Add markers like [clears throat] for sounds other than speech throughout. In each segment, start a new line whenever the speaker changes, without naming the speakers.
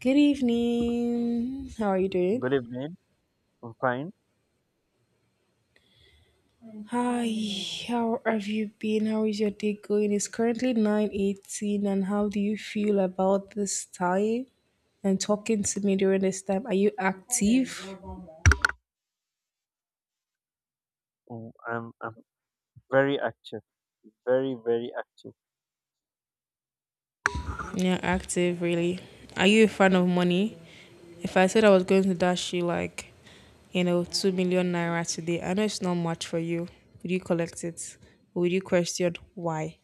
Good evening. How are you doing?
Good evening. I'm fine.
Hi, how have you been? How is your day going? It's currently 9:18, and how do you feel about this time and talking to me during this time? Are you active?
I'm very active, very very active.
Yeah, active really. Are you a fan of money? If I said I was going to dash you like, 2 million naira today, I know it's not much for you. Would you collect it? Would you question why?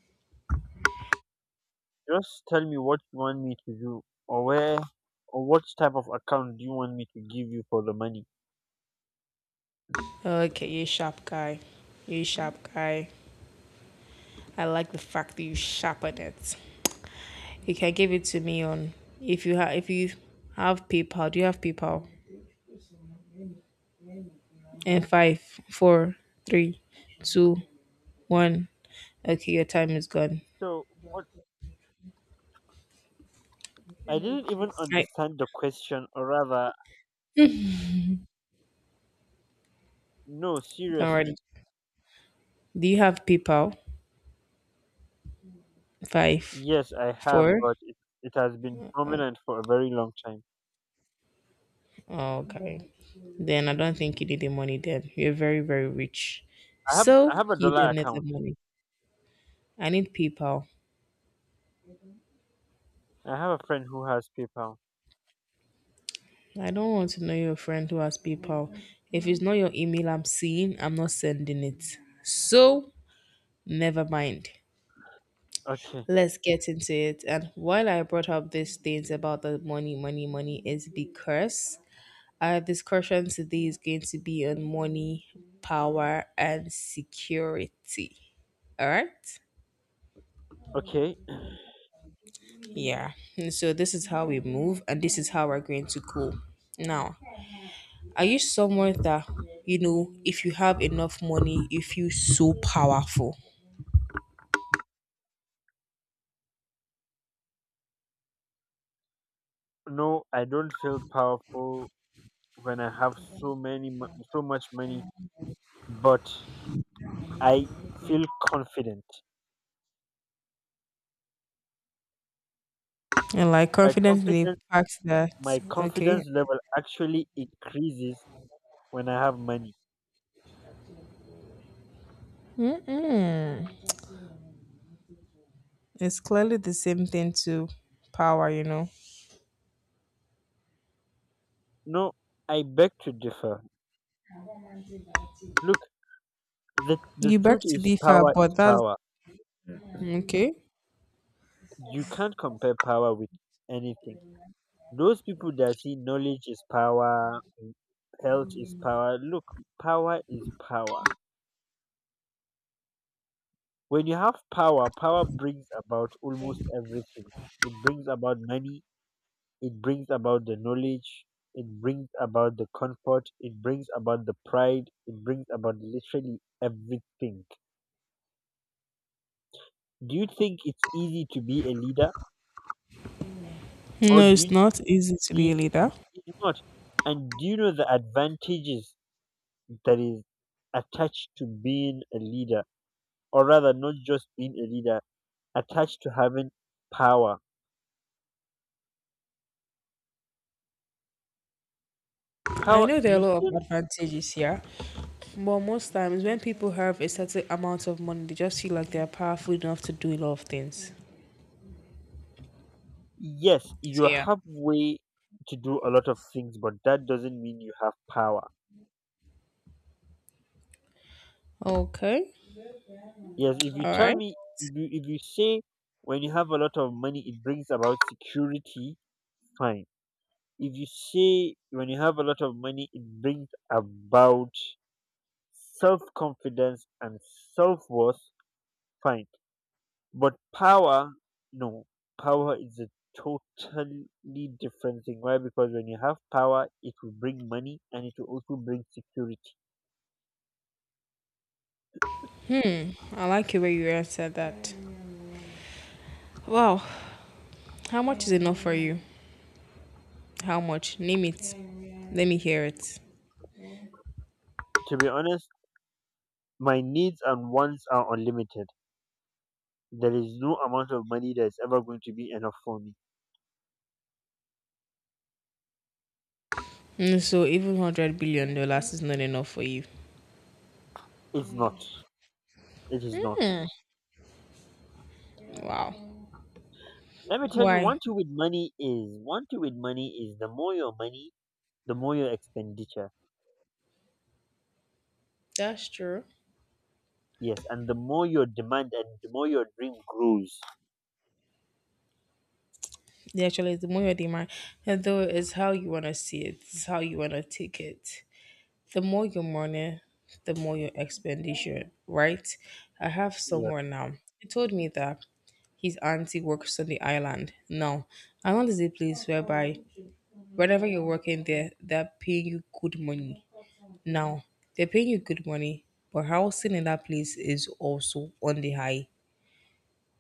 Just tell me what you want me to do, or where, or what type of account do you want me to give you for the money.
Okay, you sharp guy. You sharp guy. I like the fact that you sharpen it. You can give it to me on if you have PayPal. Do you have PayPal? And five, four, three, two, one. Okay, your time is gone.
So what? I didn't even
I
understand the question, or rather, no,
don't worry.
seriously.
Do you have PayPal? Five,
Yes, I have,
four.
but it has been dominant for a very long time.
Oh, okay. Then I don't think you need the money. Then you're very, very rich.
I have
So
I have a
you
dollar
don't need the
account.
money. I need PayPal.
I have a friend who has PayPal.
I don't want to know your friend who has PayPal. If it's not your email I'm seeing, I'm not sending it. So, never mind.
Okay,
Let's get into it. And while I brought up these things about the money, money, money is because our discussion today is going to be on money, power, and security. All right?
okay. [clears throat]
Yeah. And so, this is how we move, and this is how we're going to go. Now, are you someone that, if you have enough money, you feel so powerful?
No, I don't feel powerful when I have so much money, but I feel confident.
And like
My
confidently
confidence,
packed that,
my
okay.
confidence level actually increases when I have money.
Mm-mm. It's clearly the same thing to power, you know.
No, I beg to differ. Look, the
You beg
truth
to
is,
differ,
power
but
is
that's
power. Mm.
okay.
You can't compare power with anything. Those people that see knowledge is power, health is power. Look, power is power. When you have power, power brings about almost everything. It brings about money, it brings about the knowledge, it brings about the comfort, it brings about the pride, it brings about literally everything. Do you think it's easy to be a leader, or
No,
do
it's
you
not easy to be
think
a leader.
it's not? And do you know the advantages that is attached to being a leader, or rather not just being a leader, attached to having power?
I
Power
know there are a
you
lot of
should.
advantages here, but most times when people have a certain amount of money, they just feel like they're powerful enough to do a lot of things.
Yes,
So,
you
yeah.
have way to do a lot of things, but that doesn't mean you have power.
Okay.
Yes, if you
All
tell
right.
me, if you say when you have a lot of money, it brings about security, fine. If you say when you have a lot of money, it brings about self confidence and self worth, fine. But power, no, power is a totally different thing. Why? Because when you have power, it will bring money and it will also bring security.
Hmm, I like it where you answered that. Wow, how much is enough for you? How much? Name it. Let me hear it.
To be honest, my needs and wants are unlimited. There is no amount of money that is ever going to be enough for me.
Hmm, so even $100 billion is not enough for you.
It's not. It is not.
Hmm. Wow.
Let me tell you,
Why?
one thing with money is one thing with money is the more your money, the more your expenditure.
That's true.
Yes, and the more your demand and the more your dream grows.
Yeah, actually, the more you're demanding, though, it's how you wanna see it. It's how you wanna take it. The more your money, the more your expenditure, right? I have
Yes,
someone now. He told me that his auntie works on the island. Now, island is a place whereby whenever you're working there, they're paying you good money. Now, they're paying you good money, but housing in that place is also on the high.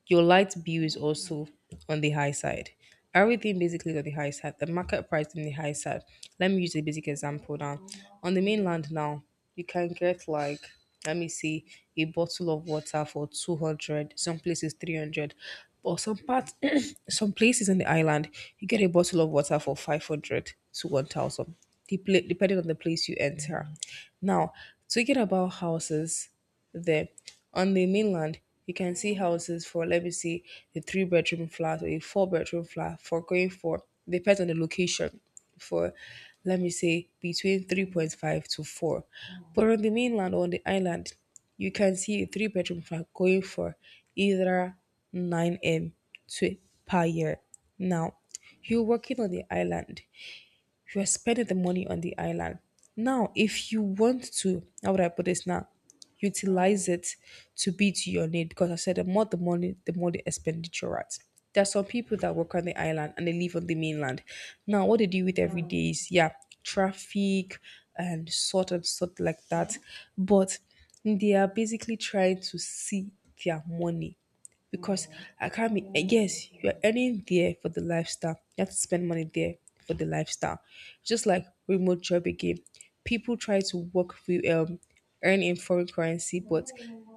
Your light bill is also on the high side. Everything basically is on the high side. The market price is on the high side. Let me use a basic example now. On the mainland now, you can get like, let me see, a bottle of water for 200, some places 300, but some parts [clears throat] some places in the island you get a bottle of water for 500 to 1000, depla- depending on the place you enter. Now, speaking about houses there. On the mainland, you can see houses for, let me see, a three-bedroom flat or a four-bedroom flat for going for, depends on the location, for, let me say, between 3.5 to 4. But on the mainland or on the island, you can see a three-bedroom flat going for either 9M to per year. Now, you're working on the island. You're spending the money on the island. Now, if you want to, how would I put this now? Utilize it to be to your need, because I said the more the money, the more the expenditure, right. There are some people that work on the island and they live on the mainland. Now, what they do with every day is, yeah, traffic and sort like that. But they are basically trying to see their money, because I can't be. Yes, you're earning there for the lifestyle. You have to spend money there for the lifestyle. Just like remote job again, people try to work with earn in foreign currency, but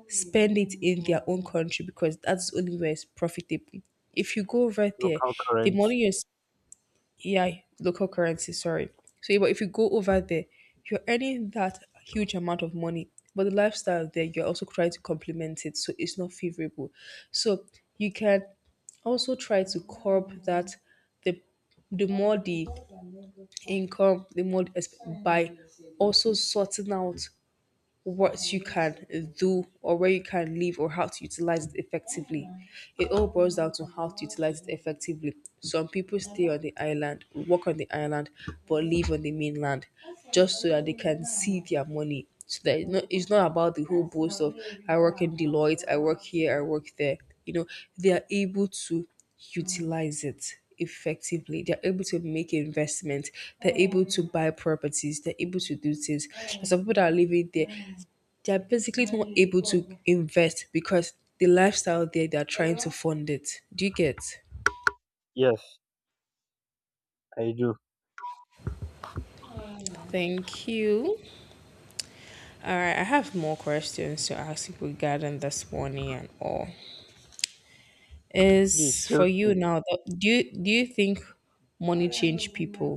spend it in their own country because that's the only where it's profitable. If you go over there,
local
the money
currency.
you're, yeah, local currency, sorry. So, yeah, but if you go over there, you're earning that huge amount of money, but the lifestyle there, you're also trying to complement it, so it's not favorable. So, you can also try to curb that, the the more the income, the more the exp- by also sorting out what you can do or where you can live or how to utilize it effectively. It all boils down to how to utilize it effectively. Some people stay on the island, work on the island, but live on the mainland just so that they can see their money. So that it's not about the whole boast of I work in Deloitte, I work here, I work there. You know, they are able to utilize it effectively. They're able to make investments. They're able to buy properties. They're able to do things. There's some people that are living there, they're basically not able to invest because the lifestyle there they're trying to fund it. Do you get?
Yes, I do.
Thank you. All right, I have more questions to ask you regarding this money and all.
Please
Is
feel
for you now that do you think money change people,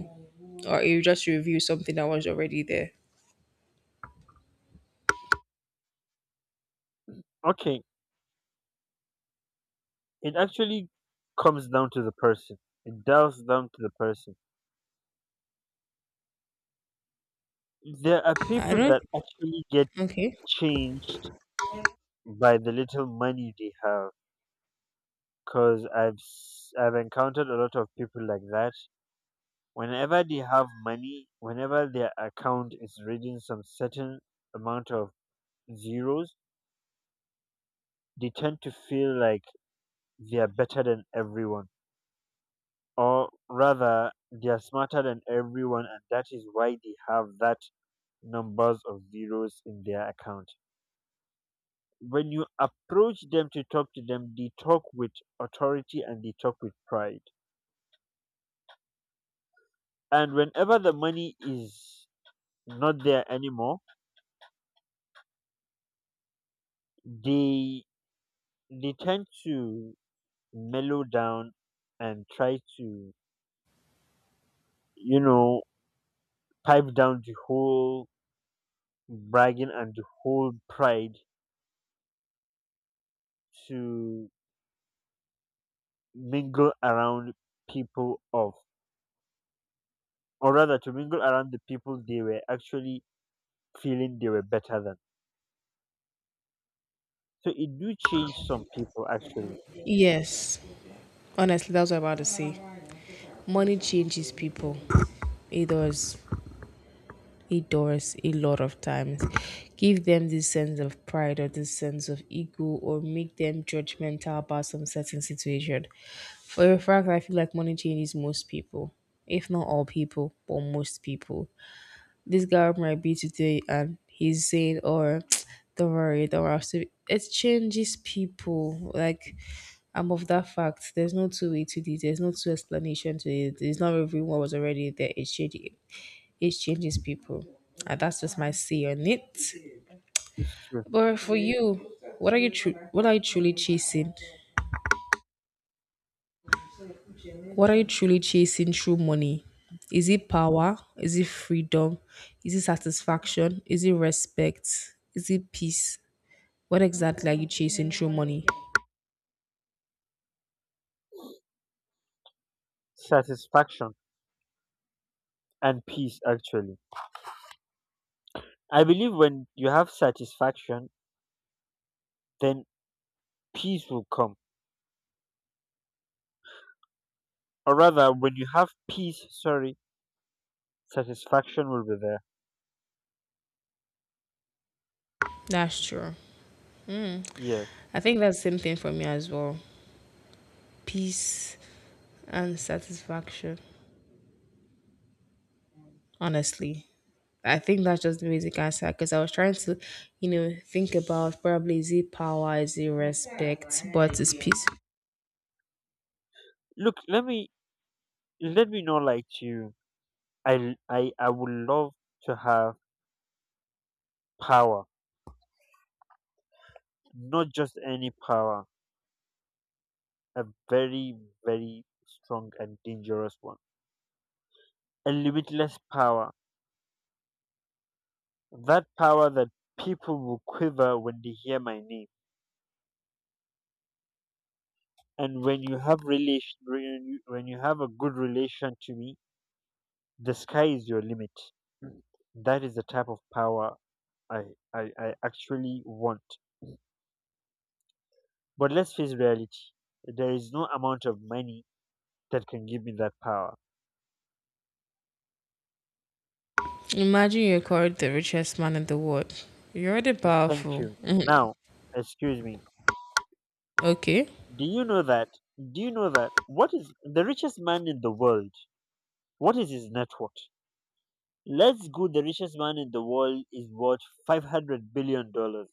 or you just review something that was already there?
okay. It actually comes down to the person. It dials down to the person. There are
I
people
don't.
that actually get
Okay.
changed by the little money they have because I've encountered a lot of people like that. Whenever they have money, whenever their account is reading some certain amount of zeros, they tend to feel like they are better than everyone, or rather, they are smarter than everyone, and that is why they have that numbers of zeros in their account. When you approach them to talk to them, they talk with authority and they talk with pride. And whenever the money is not there anymore, they they tend to mellow down and try to you know pipe down the whole bragging and the whole pride to mingle around people of, or rather to mingle around the people they were actually feeling they were better than. So it do change some people actually.
Yes. Honestly, that's what I'm about to say. Money changes people. It does. Doors a lot of times. Give them this sense of pride or this sense of ego or make them judgmental about some certain situation. For a fact, I feel like money changes most people, if not all people, but most people. This guy might be today and he's saying, or [tsk] don't worry, don't worry. I'll still-" be-" It changes people. Like, I'm of that fact. There's no two way to this. There's no two explanation to it. It's not everyone was already there. It's changing. It changes people, and that's just my say on it.
It's true.
But for you, what are you tru- what are you truly chasing? What are you truly chasing through money? Is it power? Is it freedom? Is it satisfaction? Is it respect? Is it peace? What exactly are you chasing through money?
Satisfaction and peace, actually. I believe when you have satisfaction, then peace will come. Or rather, when you have peace, sorry, satisfaction will be there.
That's true. Hmm.
Yes.
I think that's the same thing for me as well. Peace and satisfaction. Honestly. I think that's just the basic answer because I was trying to, think about probably is it power, is it respect, but it's peace.
Look, let me know like to you. I would love to have power, not just any power, a very very strong and dangerous one, a limitless power. That power that people will quiver when they hear my name. And when you have relation, when you have a good relation to me, the sky is your limit. That is the type of power I, I actually want. But let's face reality. There is no amount of money that can give me that power.
Imagine you're called the richest man in the world. You're already
And thank
powerful.
you.
[laughs] Mhm.
Now, excuse me.
Okay.
Do you know that? Do you know that? What is the richest man in the world? What is his net worth? Let's go. The richest man in the world is worth $500 billion dollars.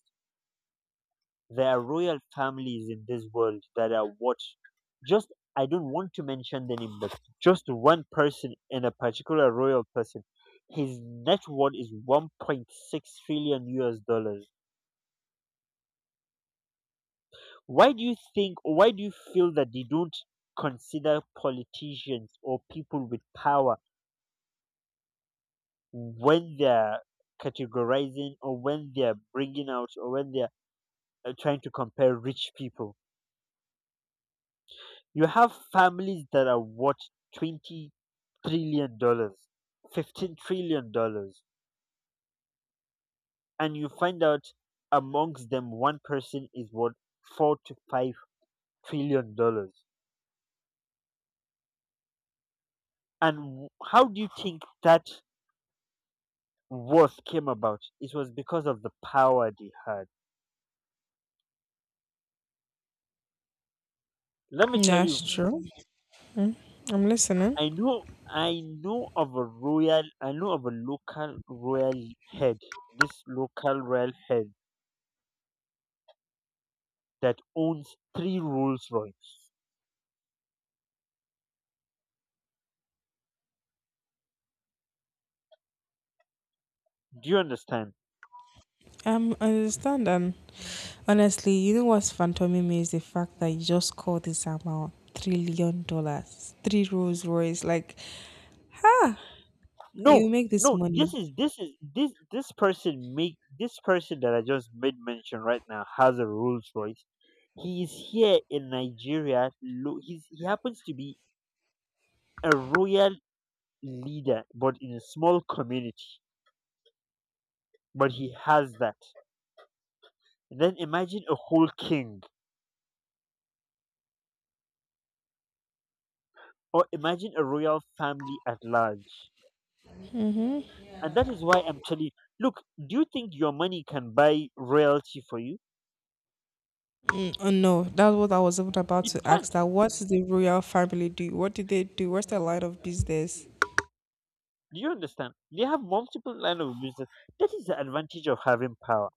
There are royal families in this world that are watched. Just, I don't want to mention the name, but just one person in a particular royal person, his net worth is $1.6 trillion. Why do you think, or why do you feel that they don't consider politicians or people with power when they're categorizing or when they're bringing out or when they're trying to compare rich people? You have families that are worth $20 trillion, $15 trillion, and you find out amongst them one person is worth $4 to 5 trillion. And how do you think that worth came about? It was because of the power they had. Let me tell
That's
you,
true. I'm listening.
I know I know of a local royal head, this local royal head that owns three Rolls Royce. Do you understand?
I understand. And honestly, you know what's phantoming me is the fact that you just called this amount trillion dollars, three Rolls Royce. Like, ah,
No,
you make this
no.
money.
This is this person that I just made mention right now has a Rolls Royce. He is here in Nigeria. He happens to be a royal leader, but in a small community. But he has that. Then imagine a whole king, or imagine a royal family at large. And that is why I'm telling you, look, do you think your money can buy royalty for you?
No, that's what I was even about
It
to ask.
can't.
That what does the royal family do? What do they do? What's their line of business?
Do you understand? They have multiple line of business. That is the advantage of having power.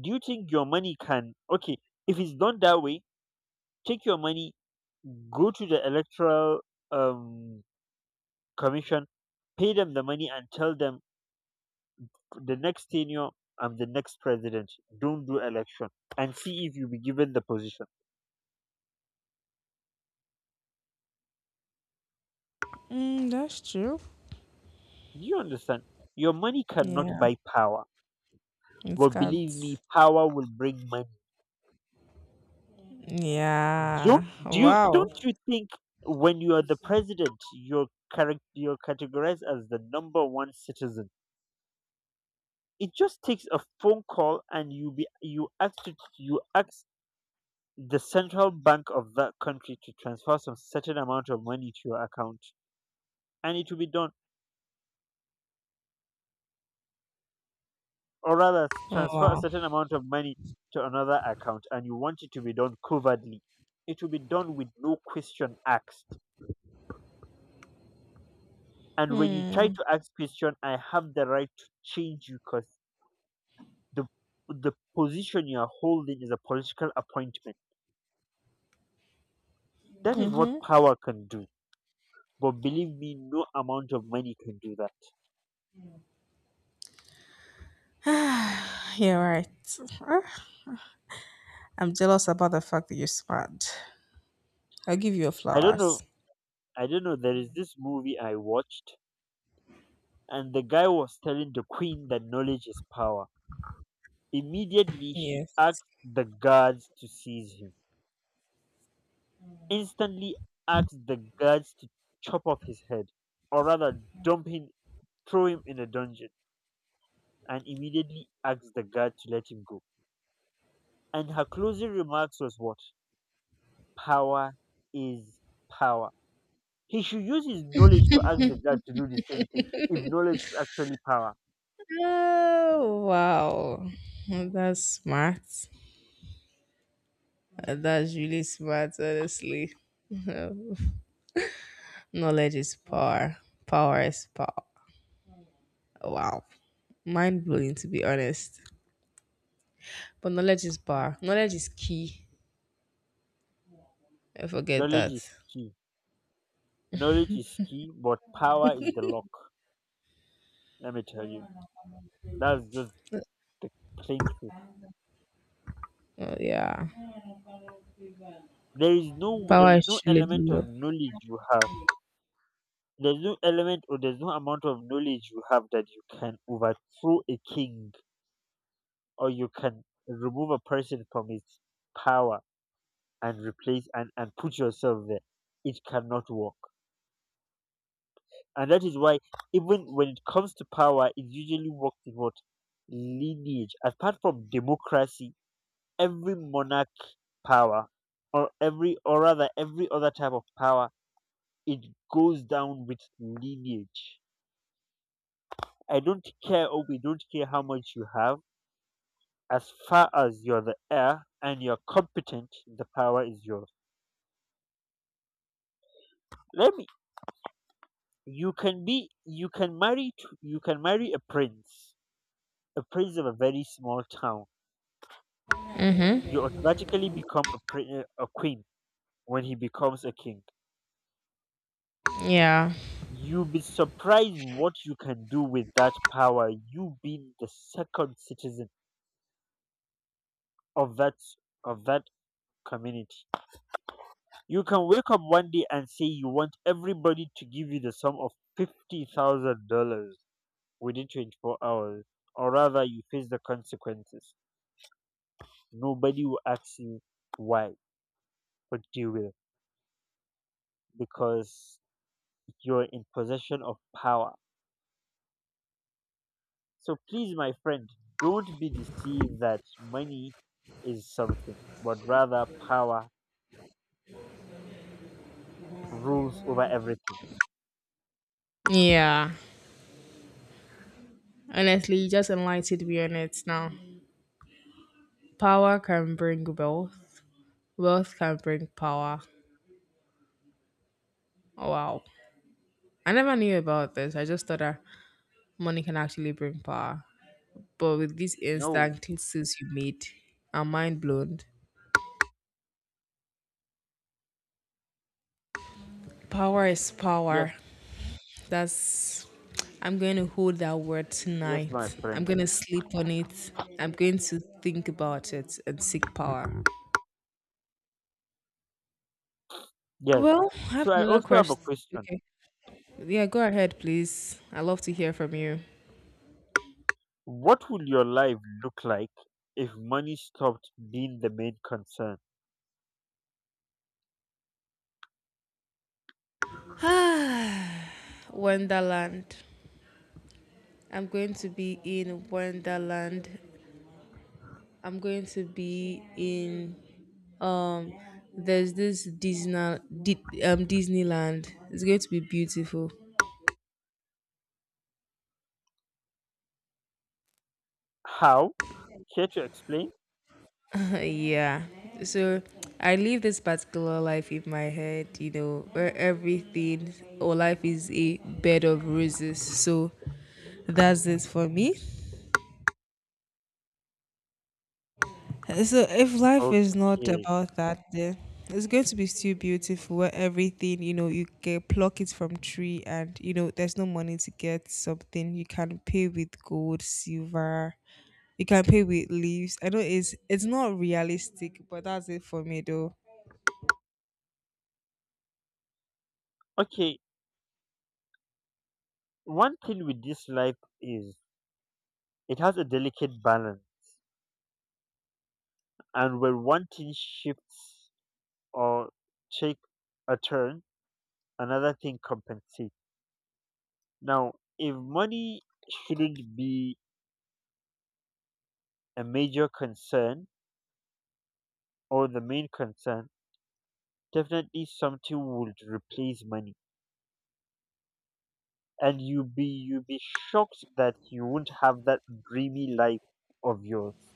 Do you think your money can okay, if it's done that way, take your money, go to the electoral um commission, pay them the money and tell them the next tenure I'm the next president. Don't do election and see if you be given the position.
Mm, that's true.
Do you understand? Your money cannot
Yeah,
buy power.
it's
But believe
cats.
me, power will bring money.
Yeah.
Don't do you
Wow.
don't you think when you are the president, you're you're categorized as the number one citizen? It just takes a phone call, and you be you ask to, you ask the central bank of that country to transfer some certain amount of money to your account, and it will be done. Or rather,
Oh,
transfer a
wow.
certain amount of money to another account, and you want it to be done covertly. It will be done with no question asked. And when you try
Hmm.
to ask question, I have the right to change you because the the position you are holding is a political appointment. That is what
Mm-hmm.
power can do. But believe me, no amount of money can do that.
You're right. Ah, I'm jealous about the fact that you're smart. I'll give you your
I don't know.
flowers.
I don't know. There is this movie I watched, and the guy was telling the queen that knowledge is power. Immediately, she
Yes.
asked the guards to seize him. Instantly, asked the guards to chop off his head, or rather, dump him, throw him in a dungeon, and immediately asked the guard to let him go. And her closing remarks was what? Power is power. He should use his knowledge to ask the God to do the same thing. If knowledge is actually power,
Oh wow. That's smart. That's really smart, honestly. [laughs] Knowledge is power. Power is power. Wow. Mind blowing, to be honest. But knowledge is power. Knowledge is key. I forget
knowledge
that.
is key. Knowledge is key, but power is the lock. Let me tell you. That's just the plain truth.
Oh, yeah.
There is no there
Power
is
is
no
truly
element of
love.
knowledge you have. There's no element or there's no amount of knowledge you have that you can overthrow a king or you can remove a person from his power and replace and put yourself there. It cannot work, and that is why, even when it comes to power, it usually works in, what, lineage. Apart from democracy, every monarch power, or every, or rather every other type of power, it goes down with lineage. I don't care, or we don't care how much you have. As far as you're the heir and you're competent, the power is yours. Let me, you can marry a prince, a prince of a very small town. You
Mm-hmm.
automatically become a queen when he becomes a king.
Yeah.
You'll be surprised what you can do with that power. You being the second citizen of that of that community. You can wake up one day and say you want everybody to give you the sum of $50,000 within 24 hours, or rather, you face the consequences. Nobody will ask you why, but you will because you're in possession of power. So please, my friend, don't be deceived that money is something, but rather power rules over everything.
Yeah. Honestly, you just enlightened me on it now. Power can bring wealth. Wealth can bring power. Oh, wow. I never knew about this. I just thought that money can actually bring power. But with these
No,
instant cliches you made, I'm mind blown. Power is
yes,
power. That's I'm going to hold that word
yes, my
tonight. I'm
friend,
going to sleep on it. I'm going to think about it and seek power.
yes.
Well, I have
So I
another
also have a
question.
question.
Okay. Yeah, go ahead, please. I love to hear from you.
What would your life look like if money stopped being the main concern?
[sighs] Ah, Wonderland. I'm going to be in Wonderland. I'm going to be in um there's this Disney Di- Disneyland. It's going to be beautiful.
How? Care to explain?
[laughs] Yeah. So I live this particular life in my head, where everything or life is a bed of roses. So that's it for me. So if life is not
Okay.
about that, then it's going to be still beautiful where everything, you can pluck it from tree and, there's no money to get something. You can pay with gold, silver, you can pay with leaves. I know it's not realistic, but that's it for me though.
Okay. One thing with this life is it has a delicate balance, and when one thing shifts or take a turn, another thing compensate. Now if money shouldn't be a major concern or the main concern, definitely something would replace money, and you be shocked that you won't have that dreamy life of yours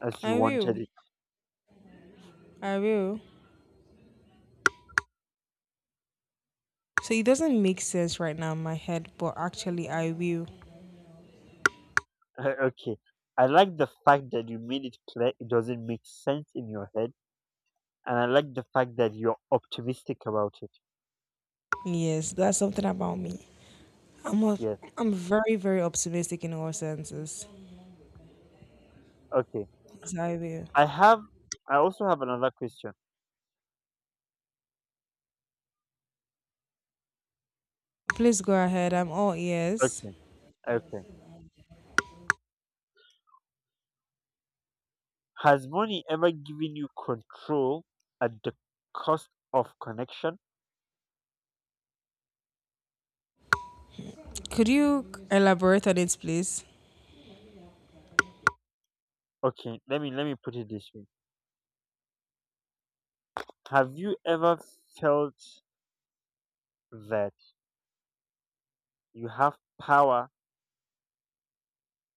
as you
I
wanted
will.
it.
I will. So it doesn't make sense right now in my head, but actually I will.
[laughs] Okay. I like the fact that you made it clear it doesn't make sense in your head, and I like the fact that you're optimistic about it.
Yes, that's something about me. I'm a,
Yes.
I'm very, very optimistic in all senses.
Okay.
So I will.
i have I also have another question.
Please go ahead. I'm all ears.
Okay. Okay. Has money ever given you control at the cost of connection?
Could you elaborate on it, please?
Okay, let me put it this way. Have you ever felt that you have power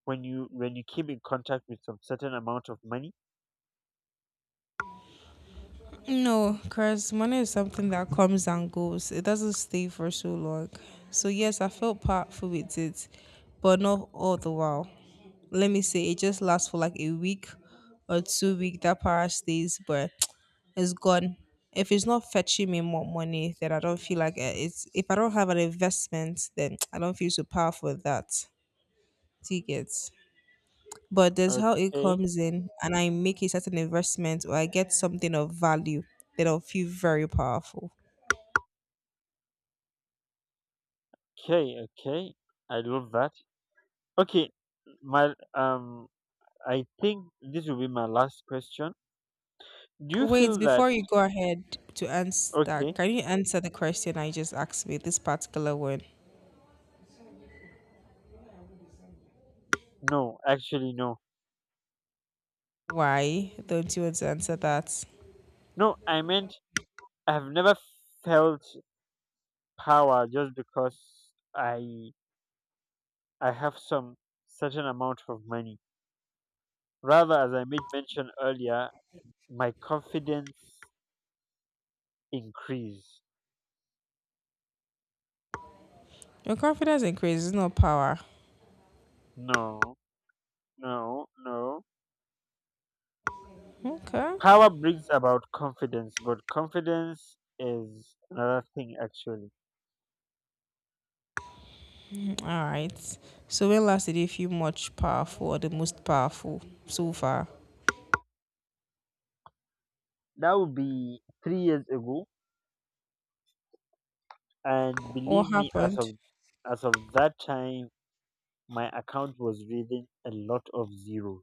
when you came in contact with some certain amount of money?
No, because money is something that comes and goes. It doesn't stay for so long. So yes, I felt powerful with it, but not all the while. Let me say it just lasts for like a week or 2 week. That power stays, but [tsk] it's gone. If it's not fetching me more money, then I don't feel like it's. If I don't have an investment, then [tsk] I don't feel so powerful with that. Do you get? But there's how it
Okay,
comes in and I make a certain investment or I get something of value that I'll feel very powerful.
okay, okay. I love that. Okay, my I think this will be my last question. Do you
Wait,
feel that?
before you go ahead to answer,
Okay,
can you answer the question I just asked me, this particular one?
no, actually, no,
Why don't you want to answer that?
no. I meant I have never felt power just because I I have some certain amount of money. Rather, as I made mention earlier, my confidence increase.
Your confidence increases, not power.
No, no, no.
Okay.
Power brings about confidence, but confidence is another thing actually.
All right. So when last did you feel much powerful or the most powerful so far?
That would be 3 years ago, and
What
believe me, as
happened?
of as of that time, my account was reading a lot of zeros.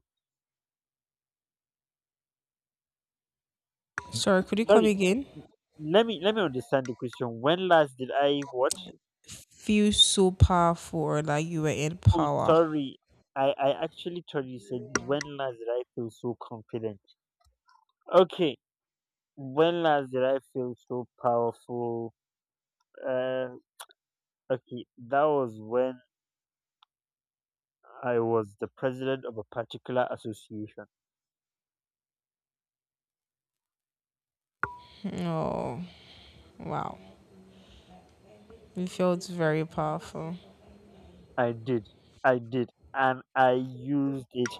Sorry, could you come
Sorry.
again?
Let me understand the question. When last did I what?
Feel so powerful or like you were in
Oh,
power.
sorry. I actually thought you said when last did I feel so confident? Okay. When last did I feel so powerful? Uh, okay. That was when I was the president of a particular association.
Oh, wow. It felt very powerful.
I did. I did. And I used it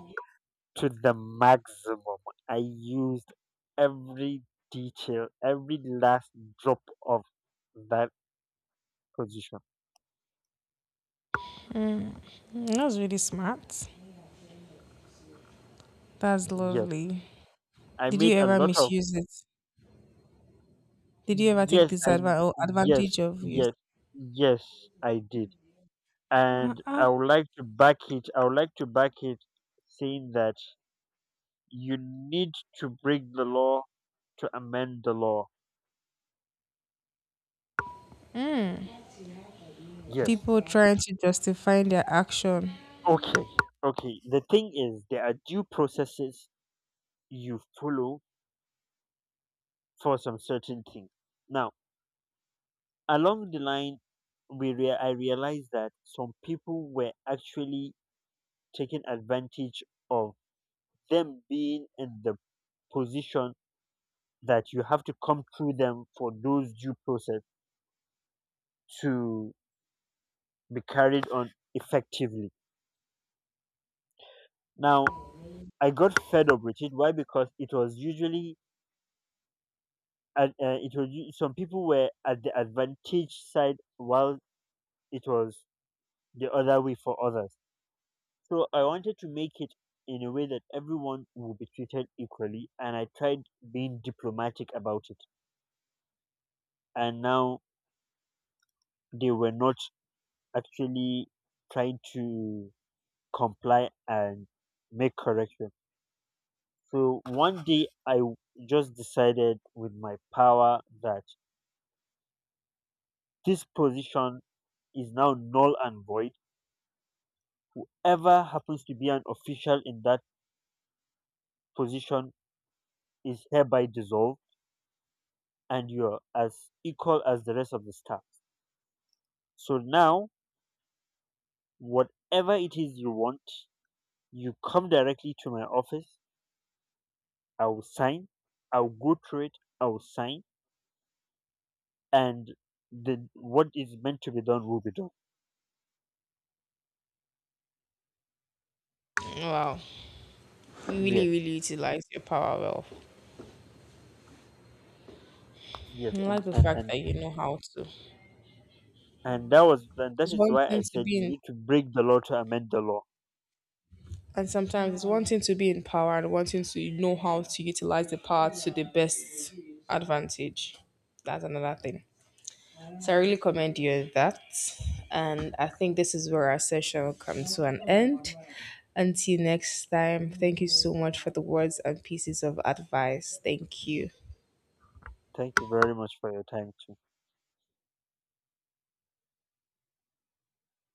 to the maximum. I used every detail, every last drop of that position.
Mm, that was really smart. That's
Yes,
lovely.
I
Did you
made a
ever
lot of
misuse it? Did you ever take
yes,
disadvantage or
yes,
advantage of it?
yes, yes, I did. And
Uh-uh.
I would like to back it. I would like to back it saying that you need to break the law to amend the law.
Mm.
Yes.
People trying to justify their action.
Okay. Okay. The thing is, there are due processes you follow for some certain things. Now, along the line, I realized that some people were actually taking advantage of them being in the position that you have to come through them for those due process to be carried on effectively. Now, I got fed up with it. Why? Because it was usually and some people were at the advantage side while it was the other way for others. So I wanted to make it in a way that everyone will be treated equally, and I tried being diplomatic about it. And now they were not actually trying to comply and make correction. So one day just decided with my power that this position is now null and void. Whoever happens to be an official in that position is hereby dissolved and you're as equal as the rest of the staff. So now, whatever it is you want, you come directly to my office. I will sign. I will go through it. I will sign and the what is meant to be done will be done.
Wow. You really,
Yes,
really utilize your power well.
yes,
I
and
like the
and
fact
and
that you know how to.
and that was and that
It's
is
one
why I
thing to
said
be
you
in
need to break the law to amend the law.
and sometimes it's wanting to be in power and wanting to know how to utilize the power to the best advantage. That's another thing. So I really commend you on that. And I think this is where our session will come to an end. Until next time, thank you so much for the words and pieces of advice. Thank you.
Thank you very much for your time too.